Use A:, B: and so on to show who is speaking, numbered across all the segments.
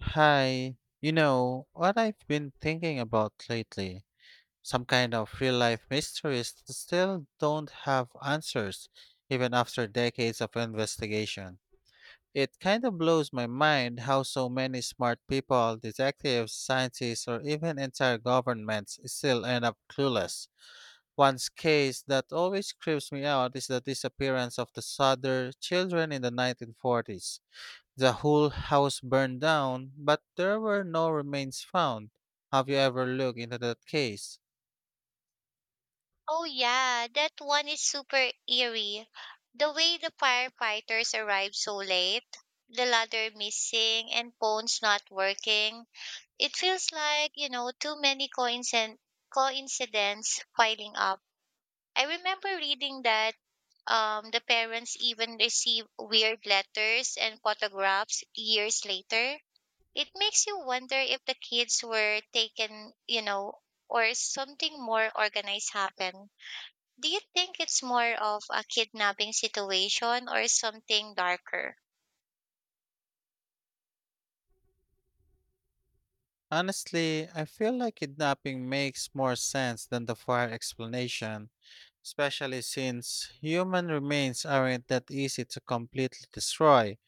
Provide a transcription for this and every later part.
A: Hi, what I've been thinking about lately, some kind of real life mysteries that still don't have answers, even after decades of investigation. It kind of blows my mind how so many smart people, detectives, scientists, or even entire governments still end up clueless. One case that always creeps me out is the disappearance of the Sutter children in the 1940s. The whole house burned down, but there were no remains found. Have you ever looked into that case?
B: Oh, yeah, that one is super eerie. The way the firefighters arrived so late, the ladder missing, and phones not working. It feels like, coincidence piling up. I remember reading that the parents even receive weird letters and photographs years later. It makes you wonder if the kids were taken, or something more organized happened. Do you think it's more of a kidnapping situation or something darker?
A: Honestly, I feel like kidnapping makes more sense than the fire explanation, especially since human remains aren't that easy to completely destroy.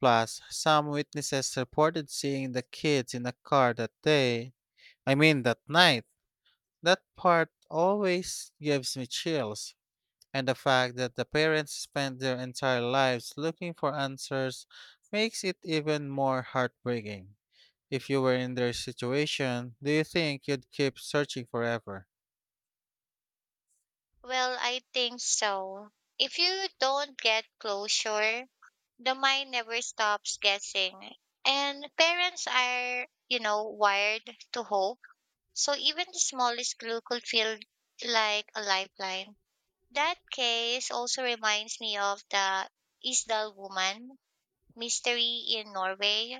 A: Plus, some witnesses reported seeing the kids in a car that day, I mean that night. That part always gives me chills. And the fact that the parents spend their entire lives looking for answers makes it even more heartbreaking. If you were in their situation, do you think you'd keep searching forever?
B: Well, I think so. If you don't get closure, the mind never stops guessing. And parents are, wired to hope. So even the smallest clue could feel like a lifeline. That case also reminds me of the Isdal woman mystery in Norway.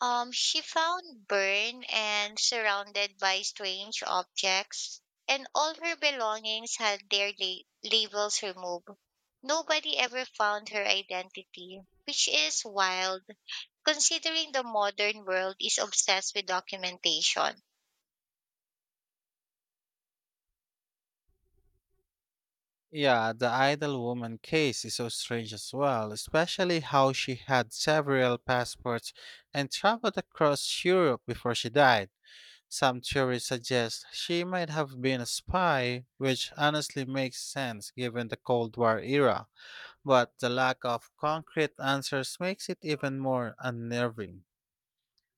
B: She found Bern and surrounded by strange objects, and all her belongings had labels removed. Nobody ever found her identity, which is wild, considering the modern world is obsessed with documentation.
A: Yeah, the idle woman case is so strange as well, especially how she had several passports and traveled across Europe before she died. Some theories suggest she might have been a spy, which honestly makes sense given the Cold War era. But the lack of concrete answers makes it even more unnerving.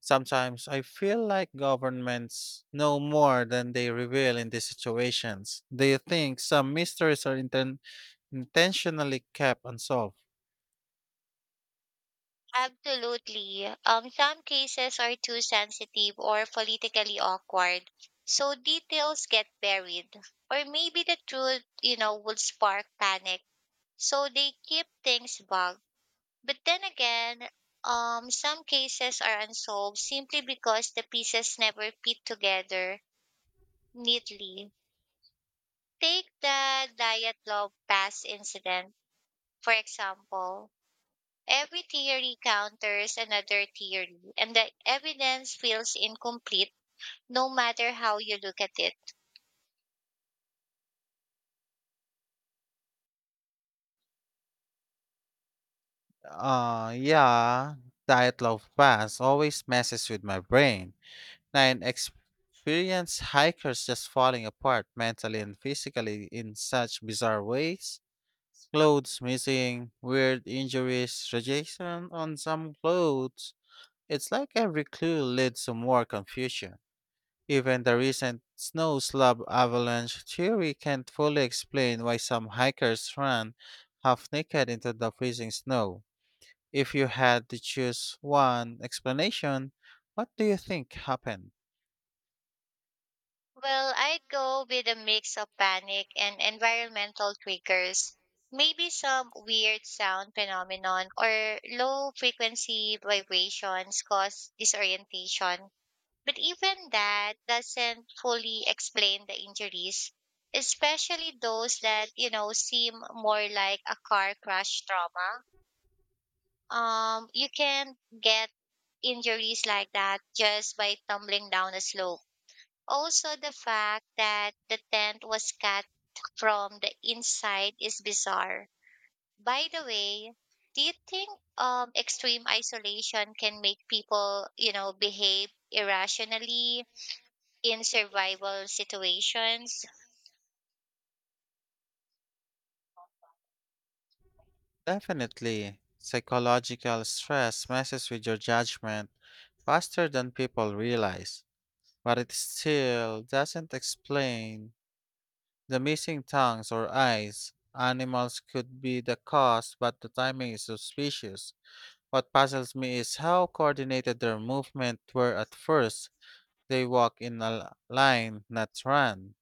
A: Sometimes I feel like governments know more than they reveal in these situations. Do you think some mysteries are intentionally kept unsolved?
B: Absolutely. Some cases are too sensitive or politically awkward, so details get buried. Or maybe the truth, would spark panic. So they keep things vague. But then again, some cases are unsolved simply because the pieces never fit together neatly. Take the diet log pass incident, for example. Every theory counters another theory, and the evidence feels incomplete no matter how you look at it.
A: Yeah, Dyatlov Pass always messes with my brain. Nine experienced hikers just falling apart mentally and physically in such bizarre ways. Clothes missing, weird injuries, rejection on some clothes. It's like every clue leads to more confusion. Even the recent snow slab avalanche theory can't fully explain why some hikers ran half naked into the freezing snow. If you had to choose one explanation, what do you think happened?
B: Well, I'd go with a mix of panic and environmental triggers. Maybe some weird sound phenomenon or low frequency vibrations cause disorientation. But even that doesn't fully explain the injuries, especially those that, seem more like a car crash trauma. You can get injuries like that just by tumbling down a slope. Also, the fact that the tent was cut from the inside is bizarre. By the way, do you think extreme isolation can make people, behave irrationally in survival situations?
A: Definitely, psychological stress messes with your judgment faster than people realize. But it still doesn't explain the missing tongues or eyes. Animals could be the cause, but the timing is suspicious. What puzzles me is how coordinated their movement were at first. They walk in line, not run.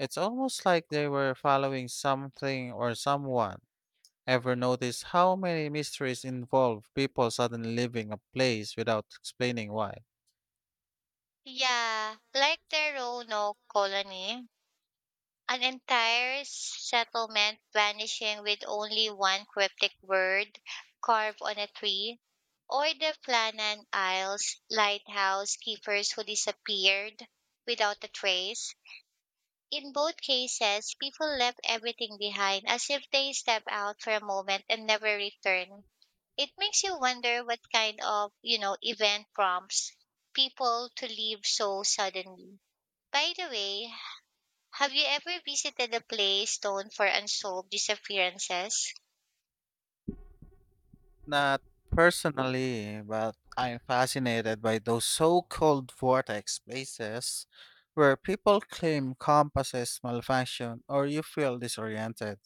A: It's almost like they were following something or someone. Ever notice how many mysteries involve people suddenly leaving a place without explaining why?
B: Yeah, like the Roanoke colony. An entire settlement vanishing with only one cryptic word carved on a tree, or the Flannan Isles lighthouse keepers who disappeared without a trace. In both cases, people left everything behind as if they stepped out for a moment and never returned. It makes you wonder what kind of, event prompts people to leave so suddenly. By the way, have you ever visited a place known for unsolved disappearances?
A: Not personally, but I'm fascinated by those so called vortex places where people claim compasses malfunction or you feel disoriented.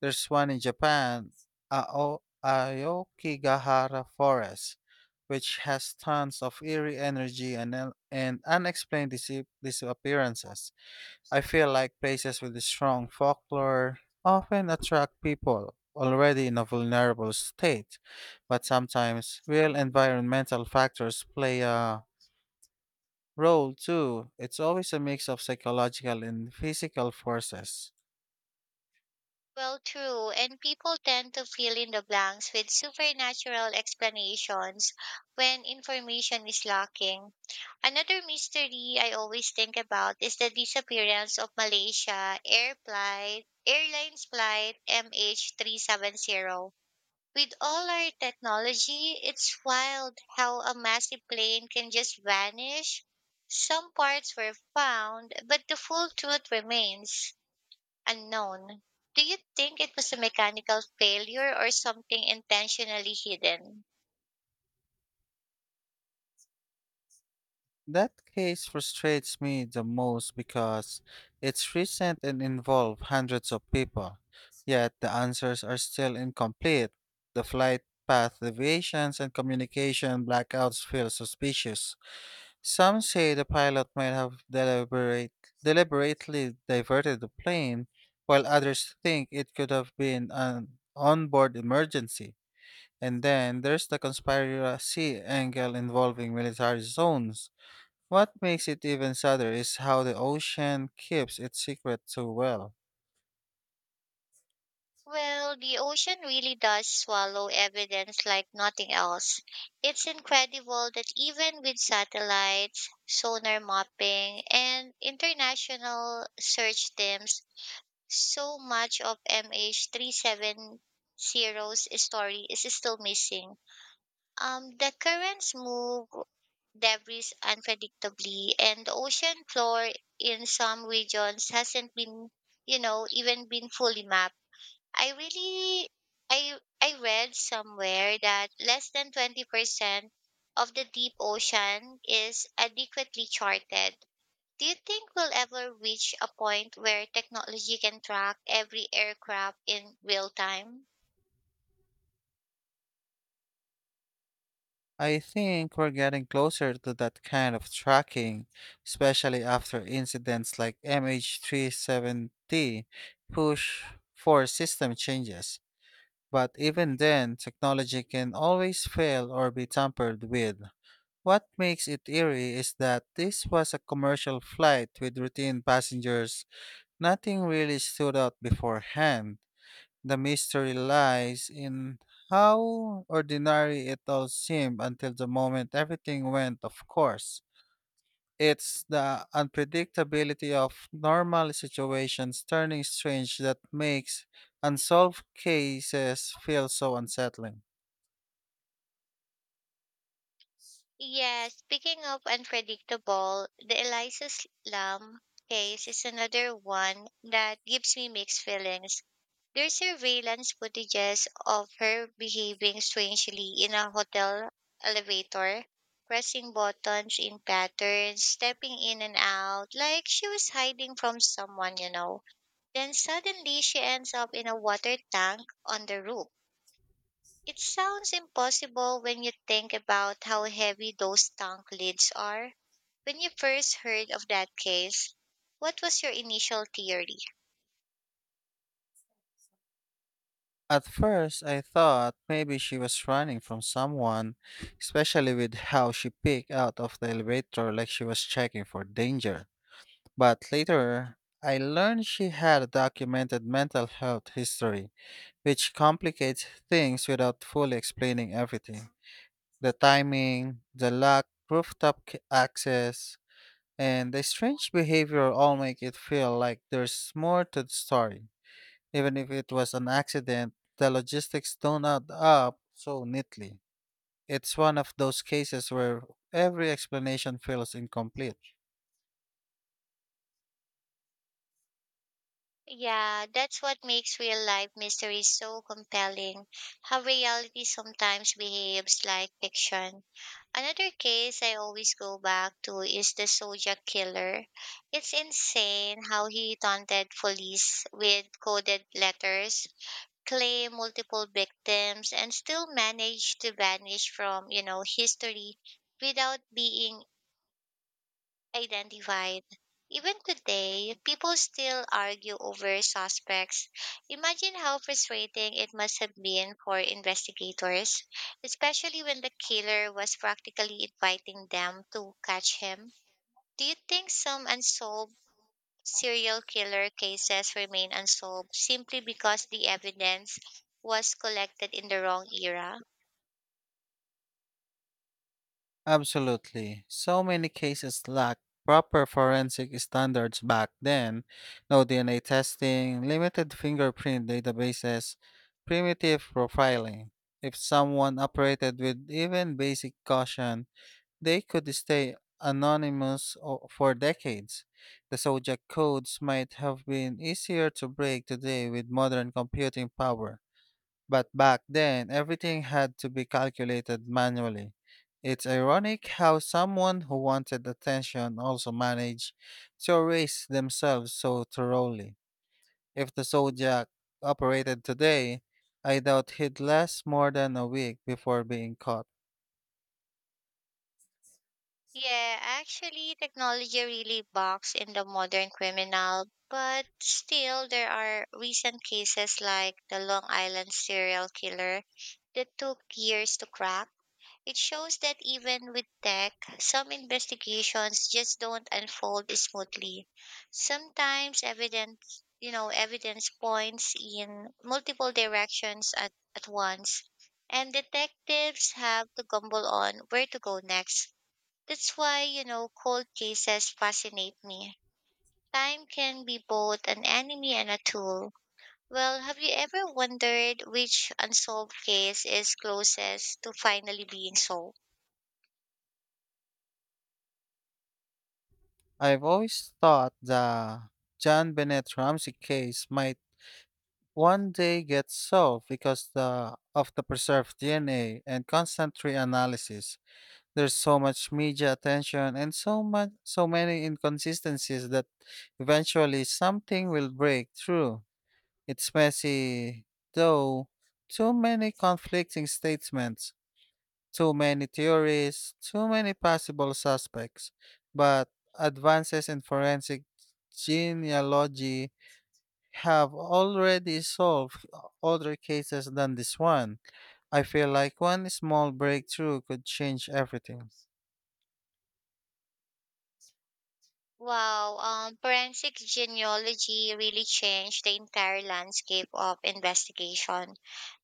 A: There's one in Japan, Aokigahara Forest, which has tons of eerie energy and unexplained disappearances. I feel like places with strong folklore often attract people already in a vulnerable state, but sometimes real environmental factors play a role too. It's always a mix of psychological and physical forces.
B: Well, true, and people tend to fill in the blanks with supernatural explanations when information is lacking. Another mystery I always think about is the disappearance of Airlines Flight MH370. With all our technology, it's wild how a massive plane can just vanish. Some parts were found, but the full truth remains unknown. Do you think it was a mechanical failure or something intentionally hidden?
A: That case frustrates me the most because it's recent and involved hundreds of people, yet the answers are still incomplete. The flight path deviations and communication blackouts feel suspicious. Some say the pilot might have deliberately diverted the plane, while others think it could have been an onboard emergency. And then there's the conspiracy angle involving military zones. What makes it even sadder is how the ocean keeps its secret so well.
B: Well, the ocean really does swallow evidence like nothing else. It's incredible that even with satellites, sonar mapping, and international search teams, so much of MH370's 370's story is still missing. The currents move debris unpredictably, and the ocean floor in some regions hasn't even been fully mapped. I really, I read somewhere that less than 20% of the deep ocean is adequately charted. Do you think we'll ever reach a point where technology can track every aircraft in real time?
A: I think we're getting closer to that kind of tracking, especially after incidents like MH370 push for system changes. But even then, technology can always fail or be tampered with. What makes it eerie is that this was a commercial flight with routine passengers. Nothing really stood out beforehand. The mystery lies in how ordinary it all seemed until the moment everything went of course. It's the unpredictability of normal situations turning strange that makes unsolved cases feel so unsettling.
B: Yes, speaking of unpredictable, the Eliza Lam case is another one that gives me mixed feelings. There's surveillance footages of her behaving strangely in a hotel elevator, pressing buttons in patterns, stepping in and out, like she was hiding from someone, you know. Then suddenly she ends up in a water tank on the roof. It sounds impossible when you think about how heavy those tank lids are. When you first heard of that case, what was your initial theory?
A: At first, I thought maybe she was running from someone, especially with how she peeked out of the elevator like she was checking for danger. But later, I learned she had a documented mental health history, which complicates things without fully explaining everything. The timing, the lack rooftop access, and the strange behavior all make it feel like there's more to the story. Even if it was an accident, the logistics don't add up so neatly. It's one of those cases where every explanation feels incomplete.
B: Yeah, that's what makes real life mysteries so compelling, how reality sometimes behaves like fiction. Another case I always go back to is the Zodiac Killer. It's insane how he taunted police with coded letters, claim multiple victims, and still managed to vanish from, history without being identified. Even today, people still argue over suspects. Imagine how frustrating it must have been for investigators, especially when the killer was practically inviting them to catch him. Do you think some unsolved serial killer cases remain unsolved simply because the evidence was collected in the wrong era?
A: Absolutely. So many cases lack proper forensic standards back then. No DNA testing, limited fingerprint databases, primitive profiling. If someone operated with even basic caution, they could stay anonymous for decades. The Zodiac codes might have been easier to break today with modern computing power. But back then, everything had to be calculated manually. It's ironic how someone who wanted attention also managed to erase themselves so thoroughly. If the Zodiac operated today, I doubt he'd last more than a week before being caught.
B: Yeah, actually, technology really bogs in the modern criminal, but still, there are recent cases like the Long Island serial killer that took years to crack. It shows that even with tech, some investigations just don't unfold smoothly. Sometimes evidence points in multiple directions at once, and detectives have to gamble on where to go next. That's why, cold cases fascinate me. Time can be both an enemy and a tool. Well, have you ever wondered which unsolved case is closest to finally being solved?
A: I've always thought the John Bennett Ramsey case might one day get solved because of the preserved DNA and constant reanalysis. There's so much media attention and so many inconsistencies that eventually something will break through. It's messy though, too many conflicting statements, too many theories, too many possible suspects. But advances in forensic genealogy have already solved other cases than this one. I feel like one small breakthrough could change everything.
B: Wow, forensic genealogy really changed the entire landscape of investigation.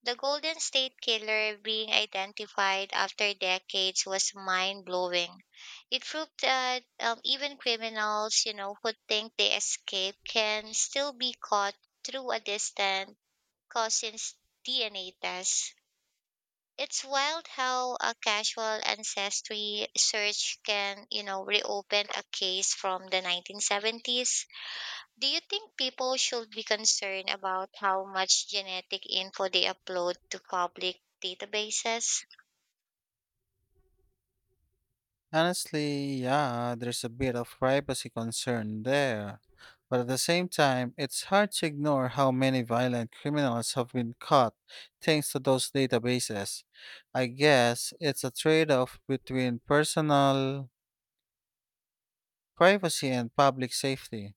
B: The Golden State Killer being identified after decades was mind blowing. It proved that even criminals, who think they escaped can still be caught through a distant cousin's DNA test. It's wild how a casual ancestry search can, reopen a case from the 1970s. Do you think people should be concerned about how much genetic info they upload to public databases?
A: Honestly, yeah, there's a bit of privacy concern there. But at the same time, it's hard to ignore how many violent criminals have been caught thanks to those databases. I guess it's a trade off between personal privacy and public safety.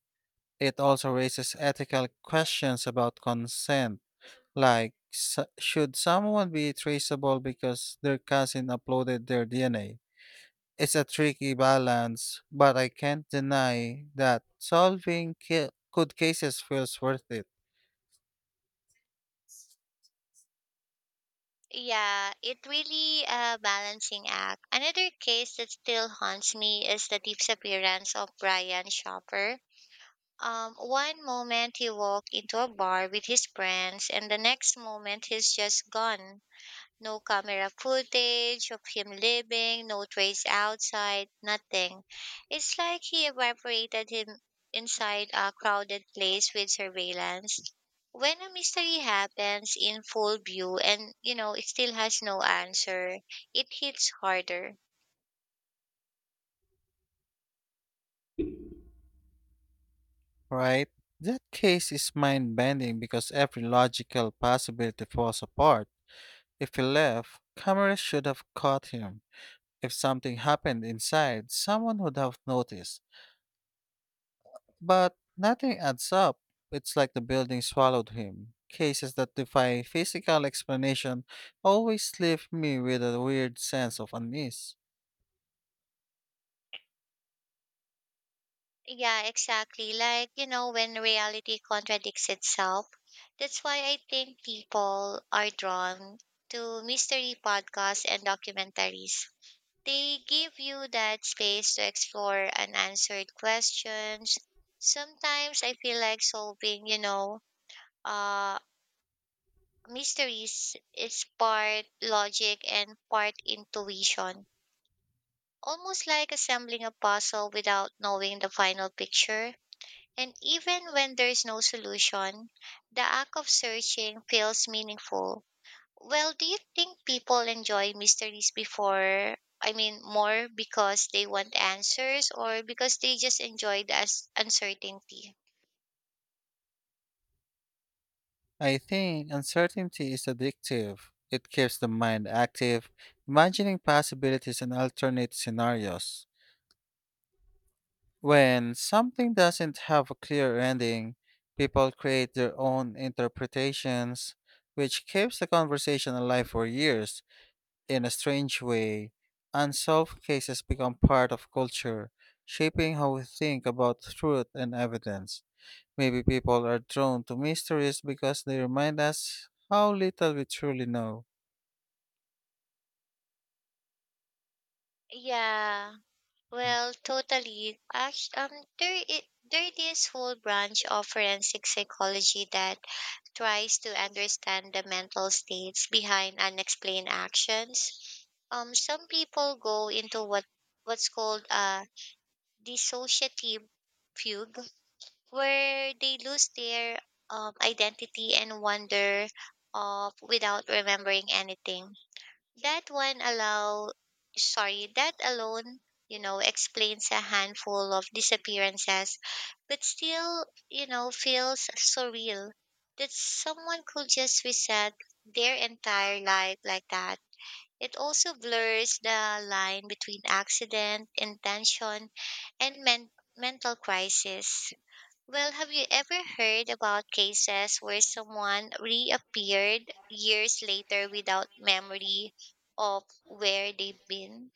A: It also raises ethical questions about consent, like s should someone be traceable because their cousin uploaded their DNA? It's a tricky balance, but I can't deny that solving good cases feels worth it,
B: Yeah, it really a balancing act. Another case that still haunts me is the disappearance of Brian Shopper. One moment he walked into a bar with his friends, and the next moment he's just gone. No camera footage of him leaving, no trace outside, nothing. It's like he evaporated him inside a crowded place with surveillance. When a mystery happens in full view and, it still has no answer, it hits harder.
A: right? That case is mind bending because every logical possibility falls apart. If he left, cameras should have caught him. If something happened inside, someone would have noticed. But nothing adds up. It's like the building swallowed him. Cases that defy physical explanation always leave me with a weird sense of unease.
B: Yeah, exactly. Like, when reality contradicts itself. That's why I think people are drawn to mystery podcasts and documentaries. They give you that space to explore unanswered questions. Sometimes I feel like solving, uh, mysteries is part logic and part intuition, almost like assembling a puzzle without knowing the final picture. And even when there's no solution, the act of searching feels meaningful. Well, do you think people enjoy mysteries before? I mean, more because they want answers or because they just enjoy the uncertainty?
A: I think uncertainty is addictive. It keeps the mind active, imagining possibilities and alternate scenarios. When something doesn't have a clear ending, people create their own interpretations, which keeps the conversation alive for years. In a strange way, unsolved cases become part of culture, shaping how we think about truth and evidence. Maybe people are drawn to mysteries because they remind us how little we truly know.
B: Yeah, well, totally. Actually, there, i there is whole branch of forensic psychology that tries to understand the mental states behind unexplained actions. Some people go into what's called a dissociative fugue, where they lose their identity and wonder of without remembering anything. That one allow sorry, that alone, explains a handful of disappearances, but still, feels surreal that someone could just reset their entire life like that. It also blurs the line between accident, intention, and mental crisis. Well, have you ever heard about cases where someone reappeared years later without memory of where they've been?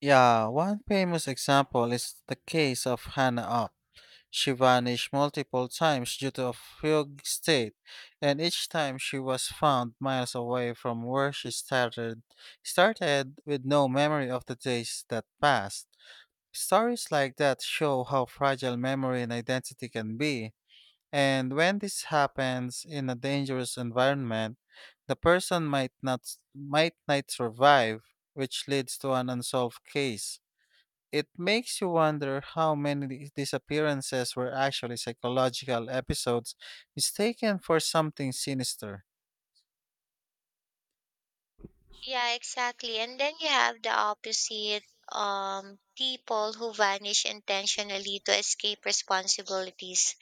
A: Yeah, one famous example is the case of Hannah Up. She vanished multiple times due to a fugue state, and each time she was found miles away from where she started with no memory of the days that passed. Stories like that show how fragile memory and identity can be. And when this happens in a dangerous environment, the person might not s- might not survive, which leads to an unsolved case. It makes you wonder how many disappearances were actually psychological episodes mistaken for something sinister.
B: Yeah, exactly. And then you have the opposite, people who vanish intentionally to escape responsibilities.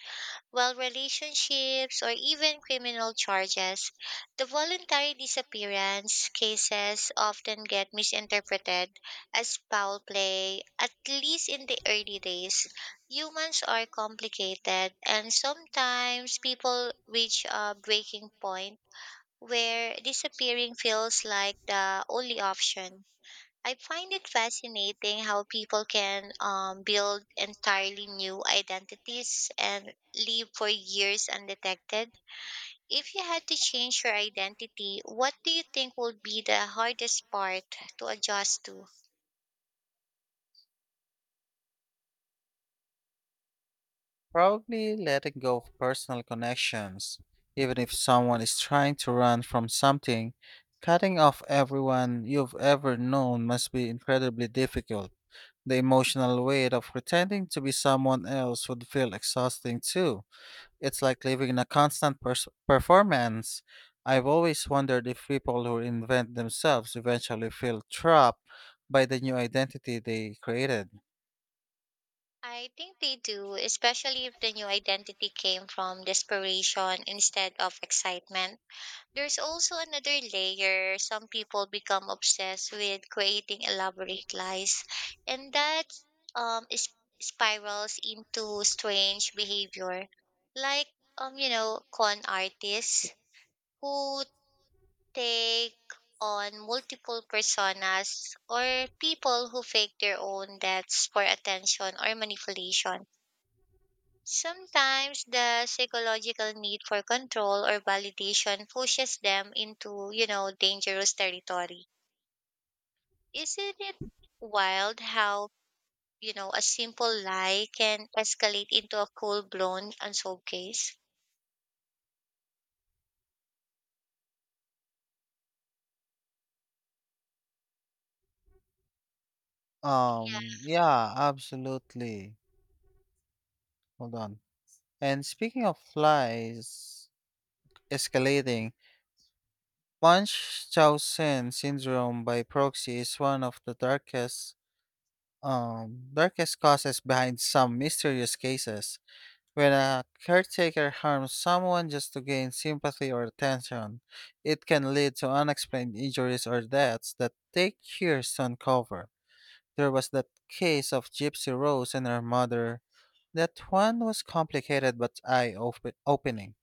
B: While relationships or even criminal charges, the voluntary disappearance cases often get misinterpreted as foul play, at least in the early days. Humans are complicated, and sometimes people reach a breaking point where disappearing feels like the only option. I find it fascinating how people can build entirely new identities and live for years undetected. If you had to change your identity, what do you think would be the hardest part to adjust to?
A: Probably letting go of personal connections, even if someone is trying to run from something, cutting off everyone you've ever known must be incredibly difficult. The emotional weight of pretending to be someone else would feel exhausting too. It's like living in a constant performance. I've always wondered if people who invent themselves eventually feel trapped by the new identity they created.
B: I think they do, especially if the new identity came from desperation instead of excitement. There's also another layer. Some people become obsessed with creating elaborate lies, and that um, is, spirals into strange behavior, like con artists who take on multiple personas or people who fake their own deaths for attention or manipulation. Sometimes the psychological need for control or validation pushes them into, dangerous territory. Isn't it wild how, a simple lie can escalate into a full blown unsolved case?
A: Yeah, absolutely. Hold on. And speaking of lies escalating, Munch Chao syndrome by proxy is one of the darkest darkest causes behind some mysterious cases. When a caretaker harms someone just to gain sympathy or attention, it can lead to unexplained injuries or deaths that take years to uncover. There was that case of Gypsy Rose and her mother. That one was complicated but eye opening.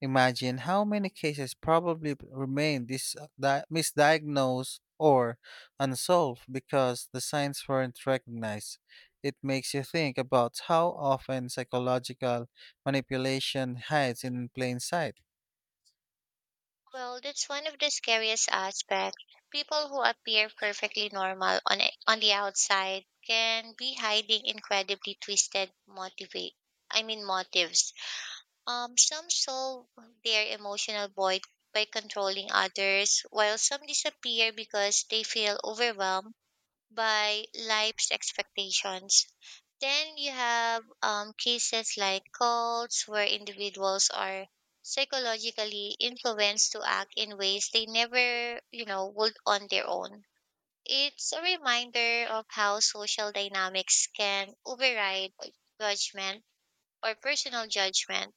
A: Imagine how many cases probably remain misdiagnosed or unsolved because the signs weren't recognized. It makes you think about how often psychological manipulation hides in plain sight.
B: Well, that's one of the scariest aspects. People who appear perfectly normal on the outside can be hiding incredibly twisted motivate I mean motives. Some solve their emotional void by controlling others, while some disappear because they feel overwhelmed by life's expectations. Then you have cases like cults, where individuals are psychologically influenced to act in ways they never, would on their own. It's a reminder of how social dynamics can override judgment or personal judgment.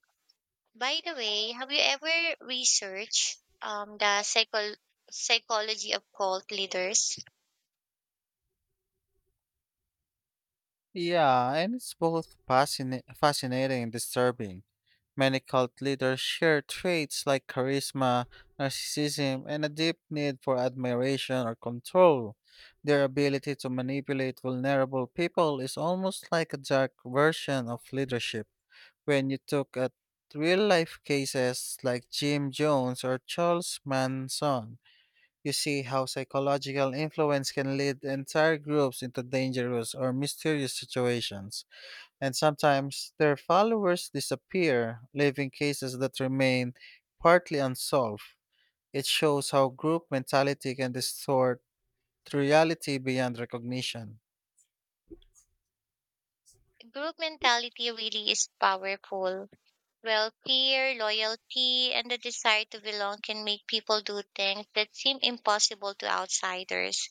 B: By the way, have you ever researched the psychol psychology of cult leaders?
A: Yeah, and it's both fascinating and disturbing. Many cult leaders share traits like charisma, narcissism, and a deep need for admiration or control. Their ability to manipulate vulnerable people is almost like a dark version of leadership. When you look at real life cases like Jim Jones or Charles Manson, you see how psychological influence can lead entire groups into dangerous or mysterious situations and sometimes their followers disappear, leaving cases that remain partly unsolved. It shows how group mentality can distort reality beyond recognition.
B: Group mentality really is powerful. Well, fear, loyalty, and the desire to belong can make people do things that seem impossible to outsiders.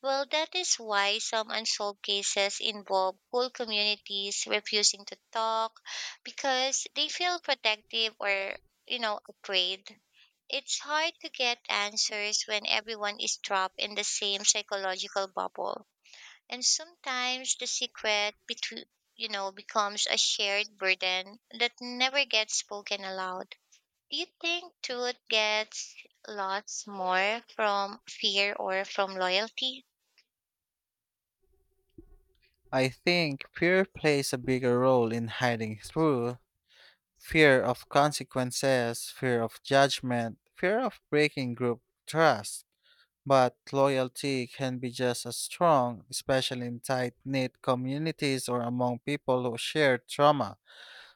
B: Well, that is why some unsolved cases involve whole communities refusing to talk because they feel protective or, afraid. It's hard to get answers when everyone is trapped in the same psychological bubble. And sometimes the secret between, becomes a shared burden that never gets spoken aloud. Do you think truth gets lost more from fear or from loyalty?
A: I think fear plays a bigger role in hiding through fear of consequences, fear of judgment, fear of breaking group trust. But loyalty can be just as strong, especially in tight knit communities or among people who share trauma.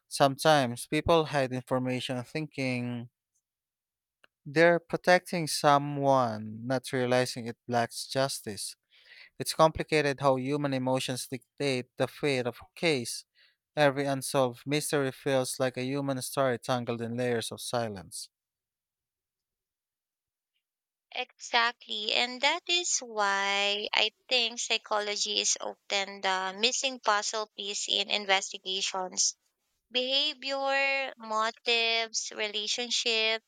A: Sometimes people hide information thinking they're protecting someone, not realizing it blocks justice. It's complicated how human emotions dictate the fate of a case. Every unsolved mystery feels like a human story tangled in layers of silence.
B: Exactly. And that is why I think psychology is often the missing puzzle piece in investigations. Behavior, motives, relationship,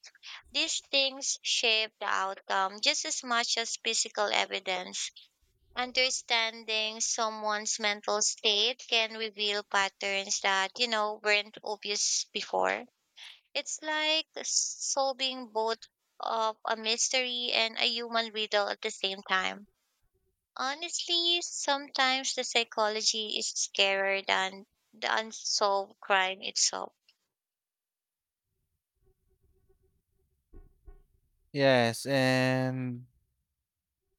B: these things shape the outcome just as much as physical evidence. Understanding someone's mental state can reveal patterns that, weren't obvious before. It's like solving both of a mystery and a human riddle at the same time. Honestly, sometimes the psychology is scarier than the unsolved crime itself.
A: Yes, and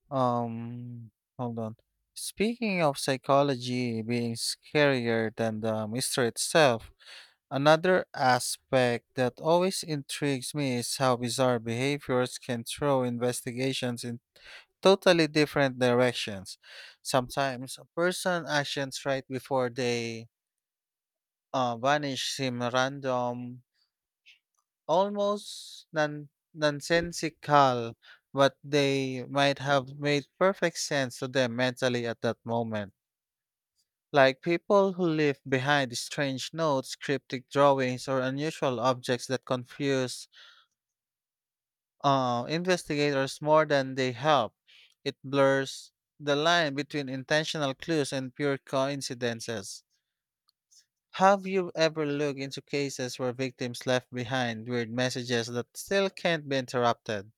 A: um hold on. Speaking of psychology being scarier than the mystery itself, another aspect that always intrigues me is how bizarre behaviors can throw investigations in totally different directions. Sometimes a person's actions right before they vanish seem random, almost nonsensical, but they might have made perfect sense to them mentally at that moment. Like people who leave behind strange notes, cryptic drawings, or unusual objects that confuse investigators more than they help. It blurs the line between intentional clues and pure coincidences. Have you ever looked into cases where victims left behind weird messages that still can't be interrupted?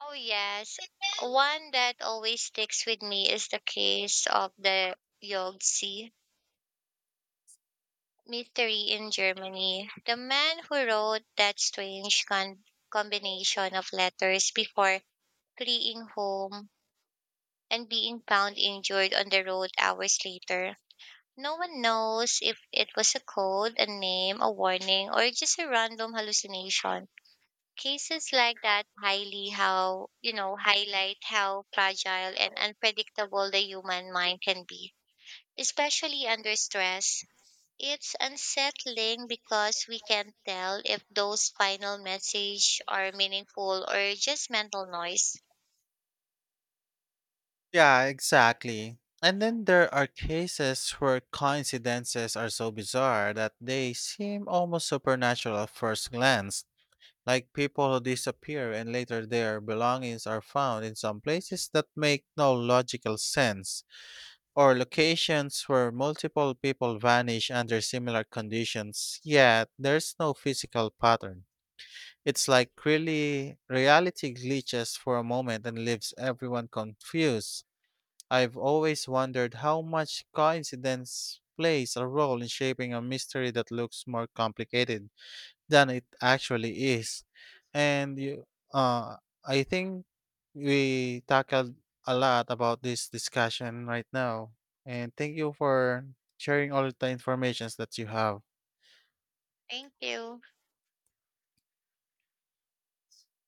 B: Oh yes, one that always sticks with me is the case of the Yogtse mystery in Germany. The man who wrote that strange combination of letters before fleeing home and being found injured on the road hours later. No one knows if it was a code, a name, a warning, or just a random hallucination. Cases like that highly how, you know, highlight how fragile and unpredictable the human mind can be, especially under stress. It's unsettling because we can't tell if those final message are meaningful or just mental noise.
A: Yeah, exactly. And then there are cases where coincidences are so bizarre that they seem almost supernatural at first glance. Like people who disappear and later their belongings are found in some places that make no logical sense, or locations where multiple people vanish under similar conditions, yet there's no physical pattern. It's like really reality glitches for a moment and leaves everyone confused. I've always wondered how much coincidence plays a role in shaping a mystery that looks more complicated than it actually is. And you, uh, I think we tackled a lot about this discussion right now. And thank you for sharing all the informations that you have.
B: Thank you.